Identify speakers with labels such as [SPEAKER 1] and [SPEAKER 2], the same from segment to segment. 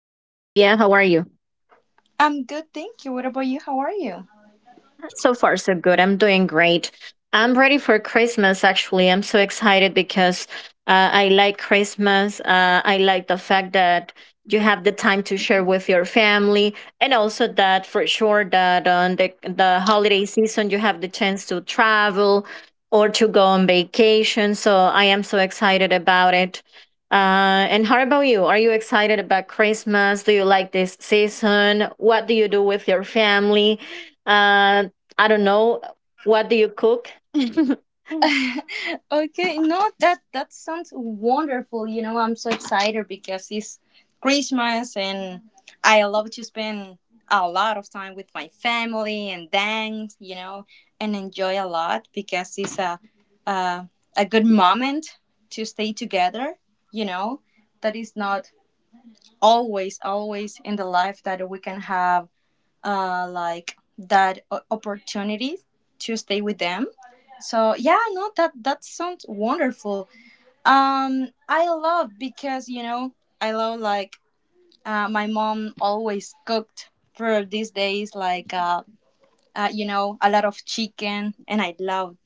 [SPEAKER 1] How are you?
[SPEAKER 2] I'm good, thank you. What about you? How are you?
[SPEAKER 1] So far, so good. I'm doing great. I'm ready for Christmas, actually. I'm so excited because I like Christmas. I like the fact that you have the time to share with your family, and also that for sure that on the holiday season, you have the chance to travel or to go on vacation. So I am so excited about it. And how about you? Are you excited about Christmas? Do you like this season? What do you do with your family? Uh, I don't know. What do you cook?
[SPEAKER 2] Okay, no, that sounds wonderful. You know, I'm so excited because it's Christmas and I love to spend a lot of time with my family and dance, you know, and enjoy a lot because it's a, a good moment to stay together, you know. That is not always in the life that we can have like that opportunity to stay with them. So yeah, no, that sounds wonderful. I love because you know I love like my mom always cooked for these days like you know a lot of chicken, and I love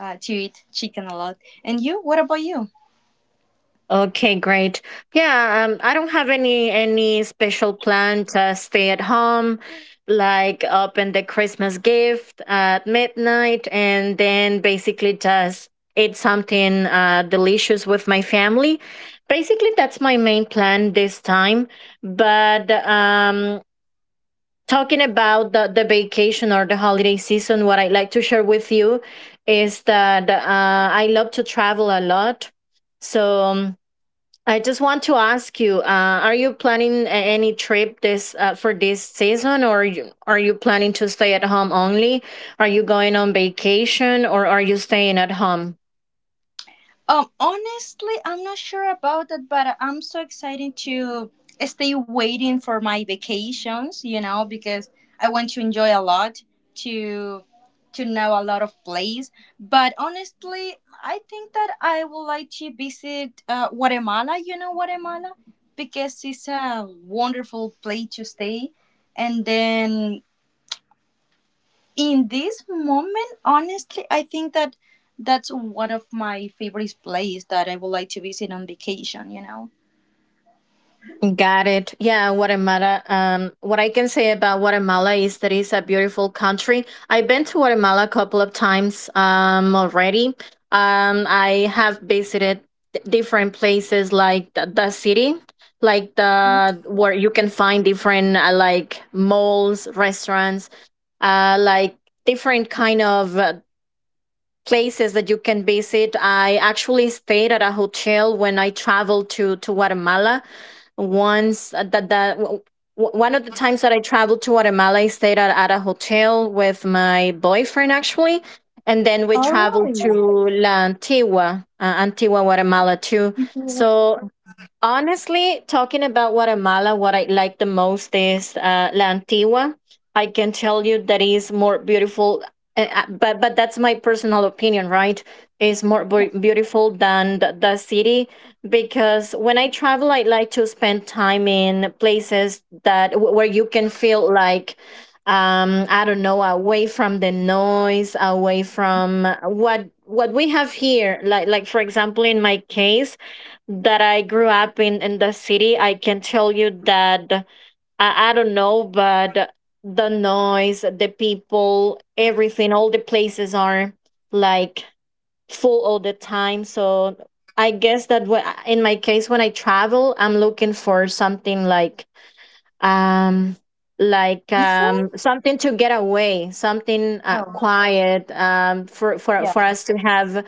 [SPEAKER 2] to eat chicken a lot. And you, what about you?
[SPEAKER 1] Okay, great. Yeah, I don't have any special plan to stay at home, like open the Christmas gift at midnight and then basically just eat something delicious with my family. Basically, that's my main plan this time. But talking about the vacation or the holiday season, what I like to share with you is that I love to travel a lot. So I just want to ask you: are you planning any trip this for this season, or are you planning to stay at home only? Are you going on vacation, or are you staying at home?
[SPEAKER 2] Honestly, I'm not sure about that, but I'm so excited to stay waiting for my vacations. You know, because I want to enjoy a lot, to to know a lot of place. But honestly, I think that I would like to visit Guatemala. You know, Guatemala, because it's a wonderful place to stay, and then in this moment honestly I think that that's one of my favorite places that I would like to visit on vacation, you know.
[SPEAKER 1] Got it. Yeah, Guatemala. What I can say about Guatemala is that it's a beautiful country. I've been to Guatemala a couple of times already. I have visited different places like the city, like the where you can find different like malls, restaurants, like different kind of places that you can visit. I actually stayed at a hotel when I traveled to Guatemala. Once one of the times that I traveled to Guatemala, I stayed at a hotel with my boyfriend actually, and then we
[SPEAKER 2] All
[SPEAKER 1] traveled to
[SPEAKER 2] right.
[SPEAKER 1] La Antigua, Antigua, Guatemala too.
[SPEAKER 2] What's
[SPEAKER 1] So honestly, talking about Guatemala, what I like the most is La Antigua. I can tell you that is more beautiful, but that's my personal opinion, right? Is more beautiful than the city because when I travel, I like to spend time in places that where you can feel like. I don't know, away from the noise, away from what we have here. Like for example, in my case, that I grew up in the city, I can tell you that I don't know, but the noise, the people, everything, all the places are like full all the time. So I guess that what in my case when I travel, I'm looking for something um like
[SPEAKER 2] different?
[SPEAKER 1] something to get away something
[SPEAKER 2] Oh
[SPEAKER 1] quiet for for
[SPEAKER 2] yeah.
[SPEAKER 1] for us to have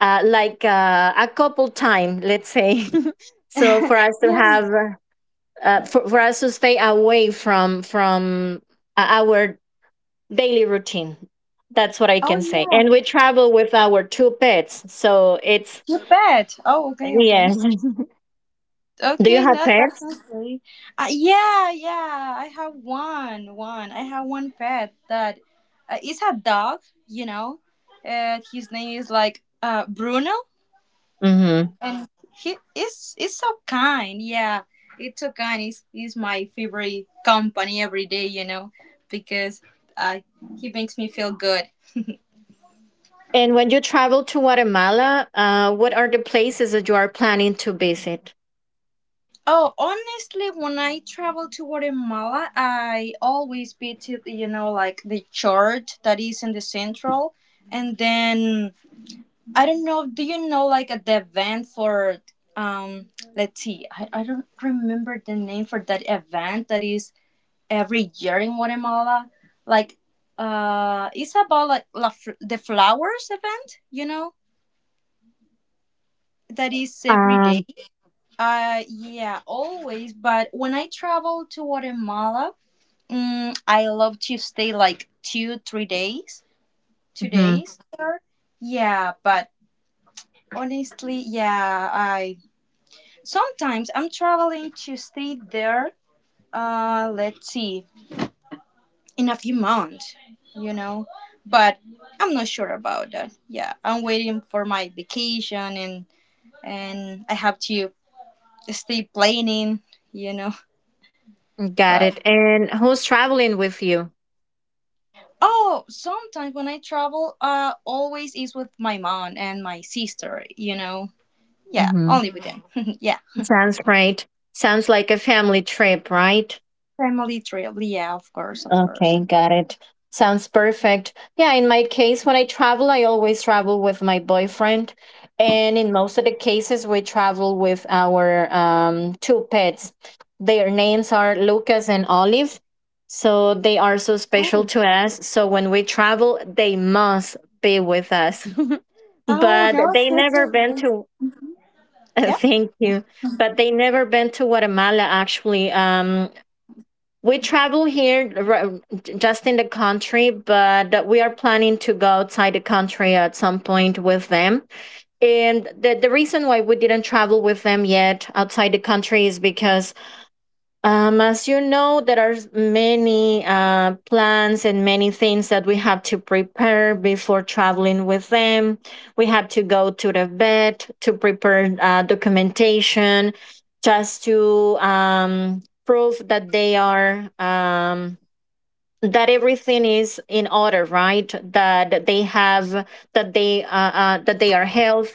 [SPEAKER 1] like a couple time let's say so for us to
[SPEAKER 2] Yeah.
[SPEAKER 1] have for us to stay away from our daily routine. That's what I
[SPEAKER 2] Oh
[SPEAKER 1] can say,
[SPEAKER 2] yeah,
[SPEAKER 1] and we travel with our two pets, so it's
[SPEAKER 2] you bet. Oh, okay, okay,
[SPEAKER 1] yes. Do you
[SPEAKER 2] okay,
[SPEAKER 1] have
[SPEAKER 2] no, that
[SPEAKER 1] pets?
[SPEAKER 2] sounds great. Yeah, yeah, I have one I have one pet that is a dog, you know. His name is like Bruno, and he is so kind. Yeah, it's so kind. He's my favorite company every day, you know, because uh, he makes me feel good.
[SPEAKER 1] And when you travel to Guatemala, what are the places that you are planning to visit?
[SPEAKER 2] Oh honestly, when I travel to Guatemala, I always visit, you know, like the church that is in the central, and then I don't know, do you know like at the event for, um, let's see, I don't remember the name for that event that is every year in Guatemala. Like, it's about like the flowers event, you know, that is every
[SPEAKER 1] Um,
[SPEAKER 2] day. Yeah, always. But when I travel to Guatemala, I love to stay like two, three days, two
[SPEAKER 1] mhm,
[SPEAKER 2] days there. Yeah, but honestly, yeah, I sometimes I'm traveling to stay there. Let's see, in a few months, you know. But I'm not sure about that. Yeah, I'm waiting for my vacation, and I have to stay planning, you know.
[SPEAKER 1] Got
[SPEAKER 2] But
[SPEAKER 1] it. And who's traveling with you?
[SPEAKER 2] oh, sometimes when I travel, always is with my mom and my sister, you know. Yeah,
[SPEAKER 1] Mhm.
[SPEAKER 2] only with them. Yeah,
[SPEAKER 1] Sounds great. Sounds like a family trip, right?
[SPEAKER 2] family trip. Yeah, of course, of course.
[SPEAKER 1] Okay, got it. Sounds perfect. Yeah, in my case, when I travel, I always travel with my boyfriend. And in most of the cases, we travel with our two pets. Their names are Lucas and Olive. So they are so special to us. So when we travel, they must be with us.
[SPEAKER 2] Oh
[SPEAKER 1] But
[SPEAKER 2] no,
[SPEAKER 1] they never been to,
[SPEAKER 2] yeah.
[SPEAKER 1] thank you. But they never been to Guatemala, actually. We travel here just in the country, but we are planning to go outside the country at some point with them. And the reason why we didn't travel with them yet outside the country is because as you know, there are many plans and many things that we have to prepare before traveling with them. We have to go to the vet to prepare documentation, just to prove that they are that everything is in order, right? That they have that they are healthy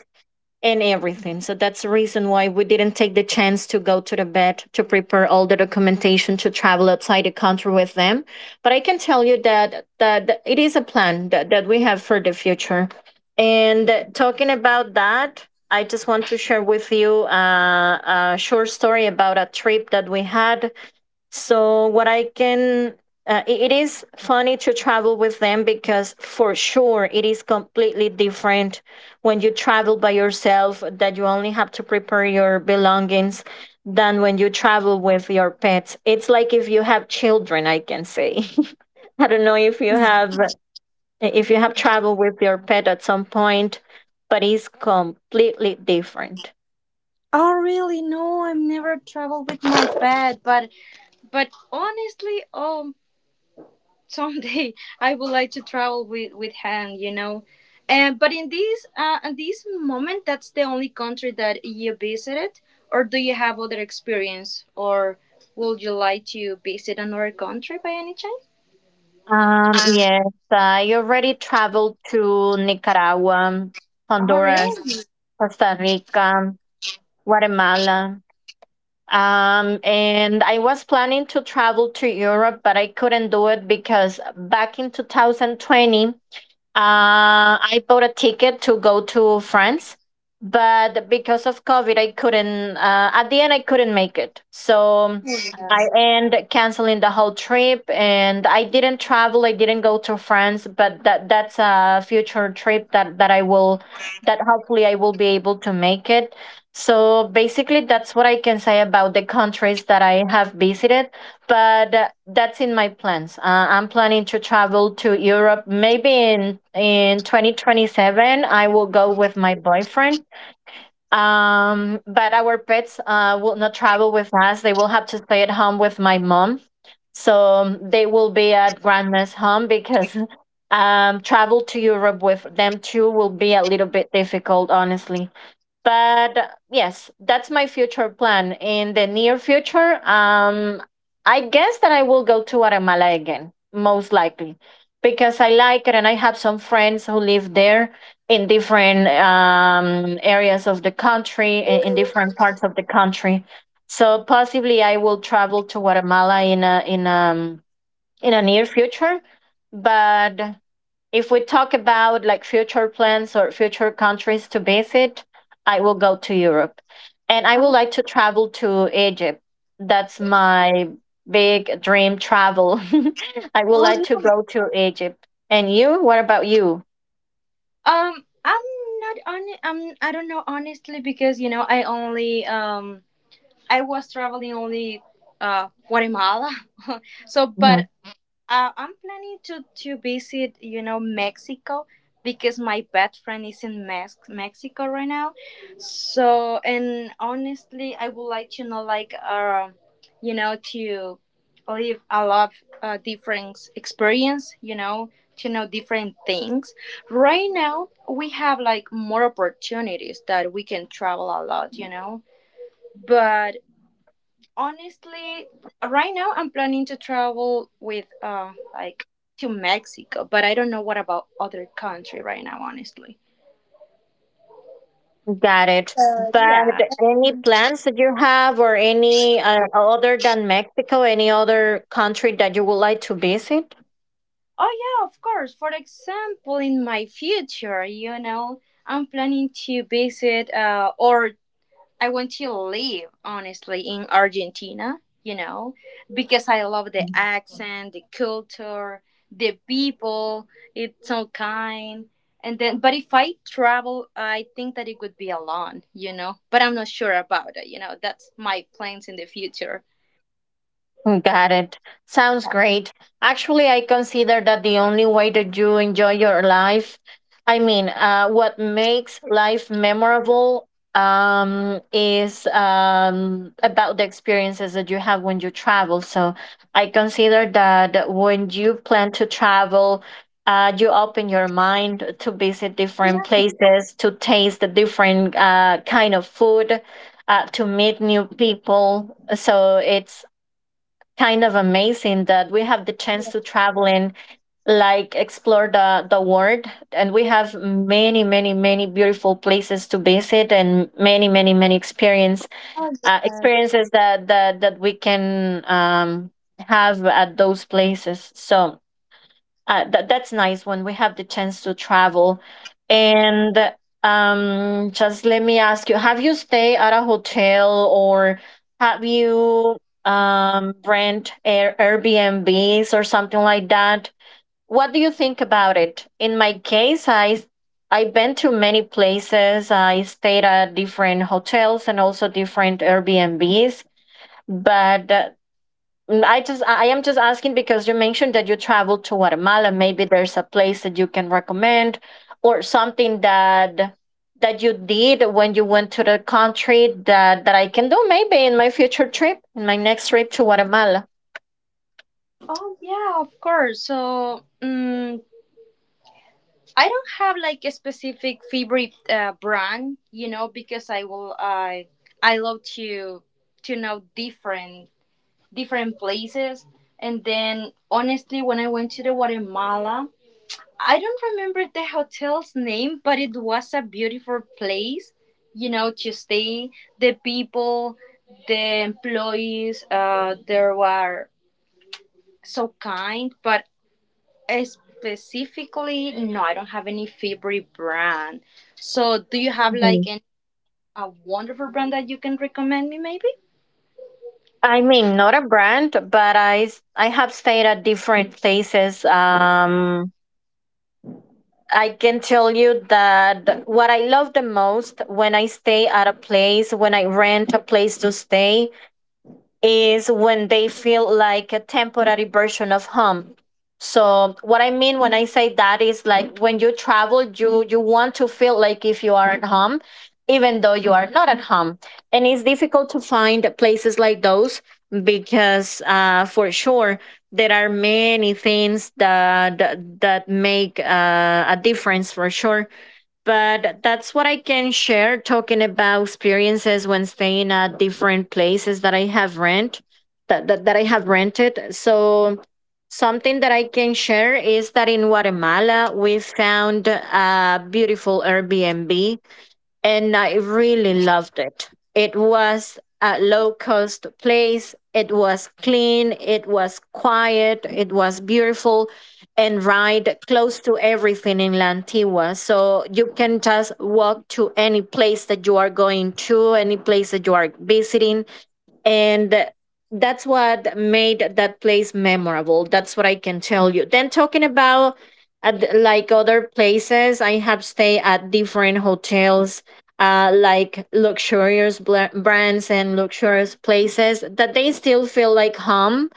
[SPEAKER 1] and everything. So that's the reason why we didn't take the chance to go to the vet to prepare all the documentation to travel outside the country with them. But I can tell you that it is a plan that we have for the future. And talking about that, I just want to share with you a short story about a trip that we had. So what I can it is funny to travel with them because for sure it is completely different when you travel by yourself that you only have to prepare your belongings than when you travel with your pets. It's like if you have children, I can say. I don't know if you have traveled with your pet at some point, but it's completely different.
[SPEAKER 2] Oh really? No, I've never traveled with my pet, but honestly, oh, someday I would like to travel with him, you know. And but in this moment, that's the only country that you visited, or do you have other experience, or would you like to visit another country by any chance?
[SPEAKER 1] Yes, I already traveled to Nicaragua,
[SPEAKER 2] Oh,
[SPEAKER 1] Honduras,
[SPEAKER 2] really?
[SPEAKER 1] Costa Rica, Guatemala. And I was planning to travel to Europe, but I couldn't do it because back in 2020, I bought a ticket to go to France, but because of COVID, I couldn't. At the end, I couldn't make it, so um, I
[SPEAKER 2] Yeah.
[SPEAKER 1] end canceling the whole trip. And I didn't travel. I didn't go to France, but that's a future trip that that I will, that hopefully I will be able to make it. So basically, that's what I can say about the countries that I have visited, but that's in my plans. I'm planning to travel to Europe maybe in 2027. I will go with my boyfriend. But our pets will not travel with us. They will have to stay at home with my mom. So they will be at grandma's home because travel to Europe with them too will be a little bit difficult, honestly, but yes, that's my future plan. In the near future, I guess that I will go to Guatemala again, most likely because I like it and I have some friends who live there in different areas of the country, in different parts of the country. So possibly I will travel to Guatemala in a in a near future. But if we talk about like future plans or future countries to visit, I will go to Europe. And I would
[SPEAKER 2] Oh,
[SPEAKER 1] like to travel to Egypt. That's my big dream travel. I would
[SPEAKER 2] oh,
[SPEAKER 1] like to
[SPEAKER 2] really?
[SPEAKER 1] go to Egypt. And you, what about you?
[SPEAKER 2] I'm not on. I don't know honestly because you know I only I was traveling only Guatemala, so but
[SPEAKER 1] Mhm.
[SPEAKER 2] I'm planning to visit, you know, Mexico because my best friend is in Mexico right now. So, and honestly, I would like to know, like, you know, to live a lot of different experience, you know, to know different things. Right now, we have like more opportunities that we can travel a lot, you know. But honestly, right now I'm planning to travel with like to Mexico, but I don't know what about other country right now, honestly.
[SPEAKER 1] Got it. But
[SPEAKER 2] Yeah.
[SPEAKER 1] any plans that you have, or any other than Mexico, any other country that you would like to visit?
[SPEAKER 2] Oh yeah, of course. For example, in my future, you know, I'm planning to visit or I want to live honestly in Argentina, you know, because I love the
[SPEAKER 1] Mm.
[SPEAKER 2] accent, the culture, the people, it's so kind. And then but if I travel, I think that it would be alone, you know. But I'm not sure about it, you know. That's my plans in the future.
[SPEAKER 1] Got it. Sounds great. Actually, I consider that the only way that you enjoy your life, I mean, what makes life memorable is about the experiences that you have when you travel. So I consider that when you plan to travel, you open your mind to visit different places, to taste the different kind of food, to meet new people. So it's kind of amazing that we have the chance to travel and like explore the world, and we have many beautiful places to visit and many experience
[SPEAKER 2] Oh, yes.
[SPEAKER 1] experiences that we can have at those places. So that's nice when we have the chance to travel. And just let me ask you, have you stayed at a hotel, or have you rent air Airbnbs or something like that? What do you think about it? In my case, I've been to many places. I stayed at different hotels and also different Airbnbs, but mm, I just I am just asking because you mentioned that you traveled to Guatemala. Maybe there's a place that you can recommend or something that you did when you went to the country that I can do maybe in my future trip, in my next trip to Guatemala.
[SPEAKER 2] Oh yeah, of course. So, I don't have like a specific favorite brand, you know, because I will I love to know different places. And then honestly, when I went to the Guatemala, I don't remember the hotel's name, but it was a beautiful place, you know, to stay. The people, the employees, they were so kind. But specifically, no, I don't have any favorite brand. So, do you have like
[SPEAKER 1] Mhm.
[SPEAKER 2] any a wonderful brand that you can recommend me? Maybe.
[SPEAKER 1] I mean, not a brand, but I have stayed at different places. I can tell you that what I love the most when I stay at a place, when I rent a place to stay, is when they feel like a temporary version of home. So what I mean when I say that is like when you travel, you want to feel like if you are at home, even though you are not at home. And it's difficult to find places like those because for sure there are many things that that make a difference for sure, but that's what I can share talking about experiences when staying at different places that I have rent that I have rented. So something that I can share is that in Guatemala we found a beautiful Airbnb and I really loved it. It was a low cost place. It was clean. It was quiet. It was beautiful and right close to everything in Lantigua. So you can just walk to any place that you are going to, any place that you are visiting, and that's what made that place memorable. That's what I can tell you. Then talking about like other places, I have stayed at different hotels, like luxurious brands and luxurious places that they still feel like home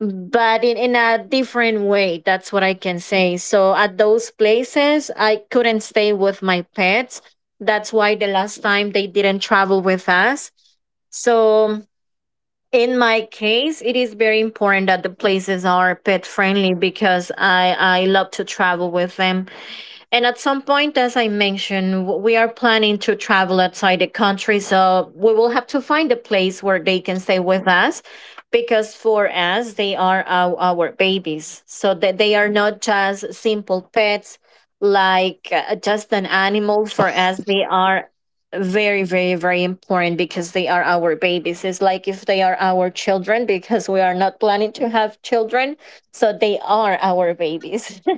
[SPEAKER 1] but in a different way. That's what I can say. So at those places I couldn't stay with my pets. That's why the last time they didn't travel with us. So in my case it is very important that the places are pet friendly because I love to travel with them and at some point, as I mentioned, we are planning to travel outside the country. So we will have to find a place where they can stay with us because for us, they are our babies. So that they are not just simple pets, like just an animal. For us, they are very important because they are our babies. It's like if they are our children because we are not planning to have children. So they are our babies.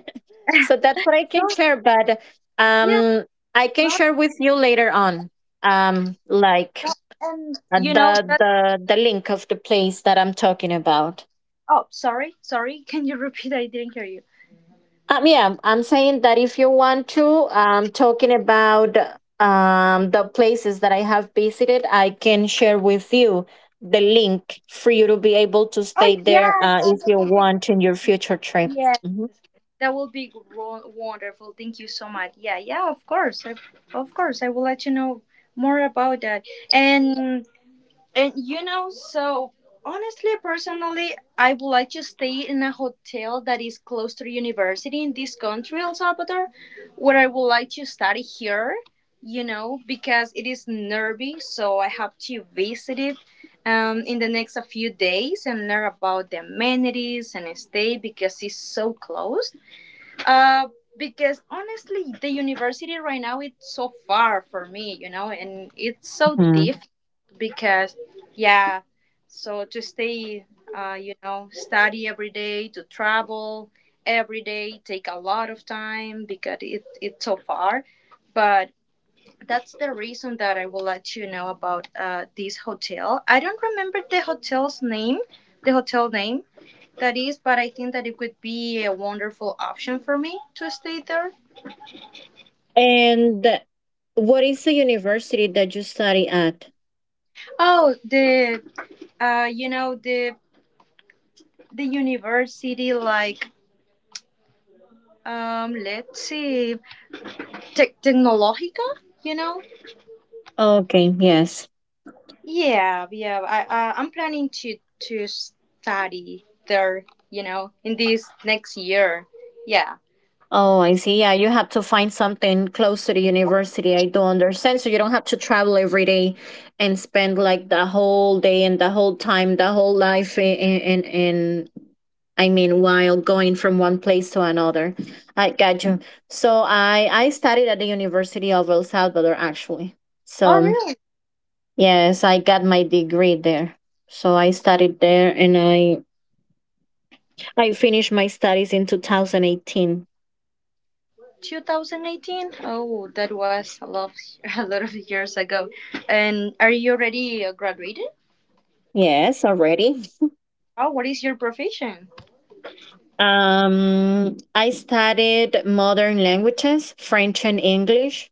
[SPEAKER 1] So that's what I can
[SPEAKER 2] No.
[SPEAKER 1] share, but
[SPEAKER 2] Yeah.
[SPEAKER 1] um, I can
[SPEAKER 2] No.
[SPEAKER 1] share with you later on, like
[SPEAKER 2] And you know
[SPEAKER 1] the
[SPEAKER 2] that.
[SPEAKER 1] the the link of the place that I'm talking about.
[SPEAKER 2] Oh, sorry, sorry. Can you repeat? I didn't hear you.
[SPEAKER 1] Yeah, I'm saying that if you want to, talking about the places that I have visited, I can share with you the link for you to be able to stay
[SPEAKER 2] Oh yeah,
[SPEAKER 1] there
[SPEAKER 2] yeah.
[SPEAKER 1] if
[SPEAKER 2] That
[SPEAKER 1] you
[SPEAKER 2] would be
[SPEAKER 1] want in your future trip.
[SPEAKER 2] yeah.
[SPEAKER 1] Mhm.
[SPEAKER 2] That will be wonderful. Thank you so much. Yeah, yeah. Of course, of course I will let you know more about that. And And you know, so honestly, personally, I would like to stay in a hotel that is close to the university in this country, El Salvador, where I would like to study here, you know, because it is nervy, so I have to visit it in the next a few days and learn about the amenities and stay because it's so close. Uh, because honestly, the university right now it's so far for me, you know, and it's so
[SPEAKER 1] Mhm.
[SPEAKER 2] difficult because yeah, so to stay, you know, study every day, to travel every day take a lot of time because it's so far, but that's the reason that I will let you know about this hotel. I don't remember the hotel's name, the hotel name, that is, but I think that it could be a wonderful option for me to stay there.
[SPEAKER 1] And what is the university that you study at?
[SPEAKER 2] Oh, the you know, the university, like, let's see, Tecnologica, you know?
[SPEAKER 1] Okay, yes.
[SPEAKER 2] Yeah, yeah. I'm planning to study there, you know, in this next year. Yeah.
[SPEAKER 1] Oh, I see. Yeah, you have to find something close to the university. I do understand. So you don't have to travel every day and spend like the whole day and the whole time, the whole life in I mean, while going from one place to another. I got you. So I studied at the University of El Salvador actually.
[SPEAKER 2] Oh,
[SPEAKER 1] So
[SPEAKER 2] really?
[SPEAKER 1] yes, I got my degree there. So I studied there and I finished my studies in 2018.
[SPEAKER 2] 2018? Oh, that was a lot, a lot of years ago. And are you already graduated?
[SPEAKER 1] Yes, already.
[SPEAKER 2] Oh, what is your profession?
[SPEAKER 1] I studied modern languages, French and English,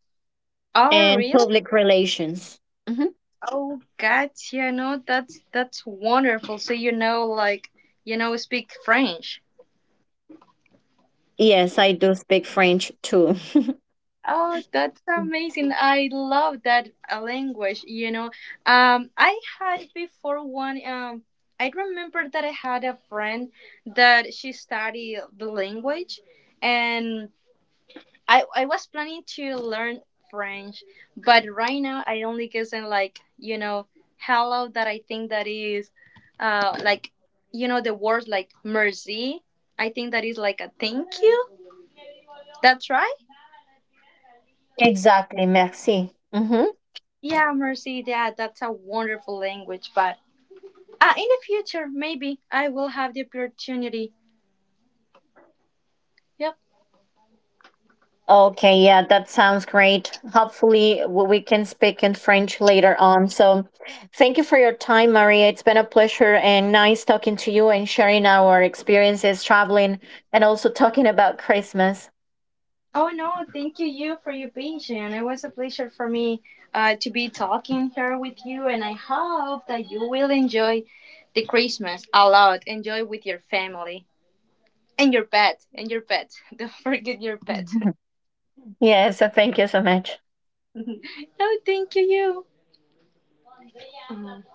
[SPEAKER 2] Oh,
[SPEAKER 1] and
[SPEAKER 2] real?
[SPEAKER 1] public relations. Hmm.
[SPEAKER 2] Oh, gotcha. No, that's wonderful. So you know, like you know, speak French.
[SPEAKER 1] Yes, I do speak French too.
[SPEAKER 2] Oh, that's amazing. I love that language, you know. I had before one, I remember that I had a friend that she studied the language and I was planning to learn French, but right now I only guessing like you know hello that I think that is, like, you know, the words like merci. I think that is like a thank you. That's right.
[SPEAKER 1] Exactly, merci. Hmm.
[SPEAKER 2] Yeah, merci. Yeah, that's a wonderful language. But in the future, maybe I will have the opportunity. Yep.
[SPEAKER 1] Okay, yeah, that sounds great. Hopefully, we can speak in French later on. So, thank you for your time, Maria. It's been a pleasure and nice talking to you and sharing our experiences traveling and also talking about Christmas.
[SPEAKER 2] Oh no, thank you for your patience. It was a pleasure for me to be talking here with you, and I hope that you will enjoy the Christmas a lot. Enjoy with your family and your pet, and your pet. Don't forget your pet.
[SPEAKER 1] Yes, so thank you so much.
[SPEAKER 2] No, thank you.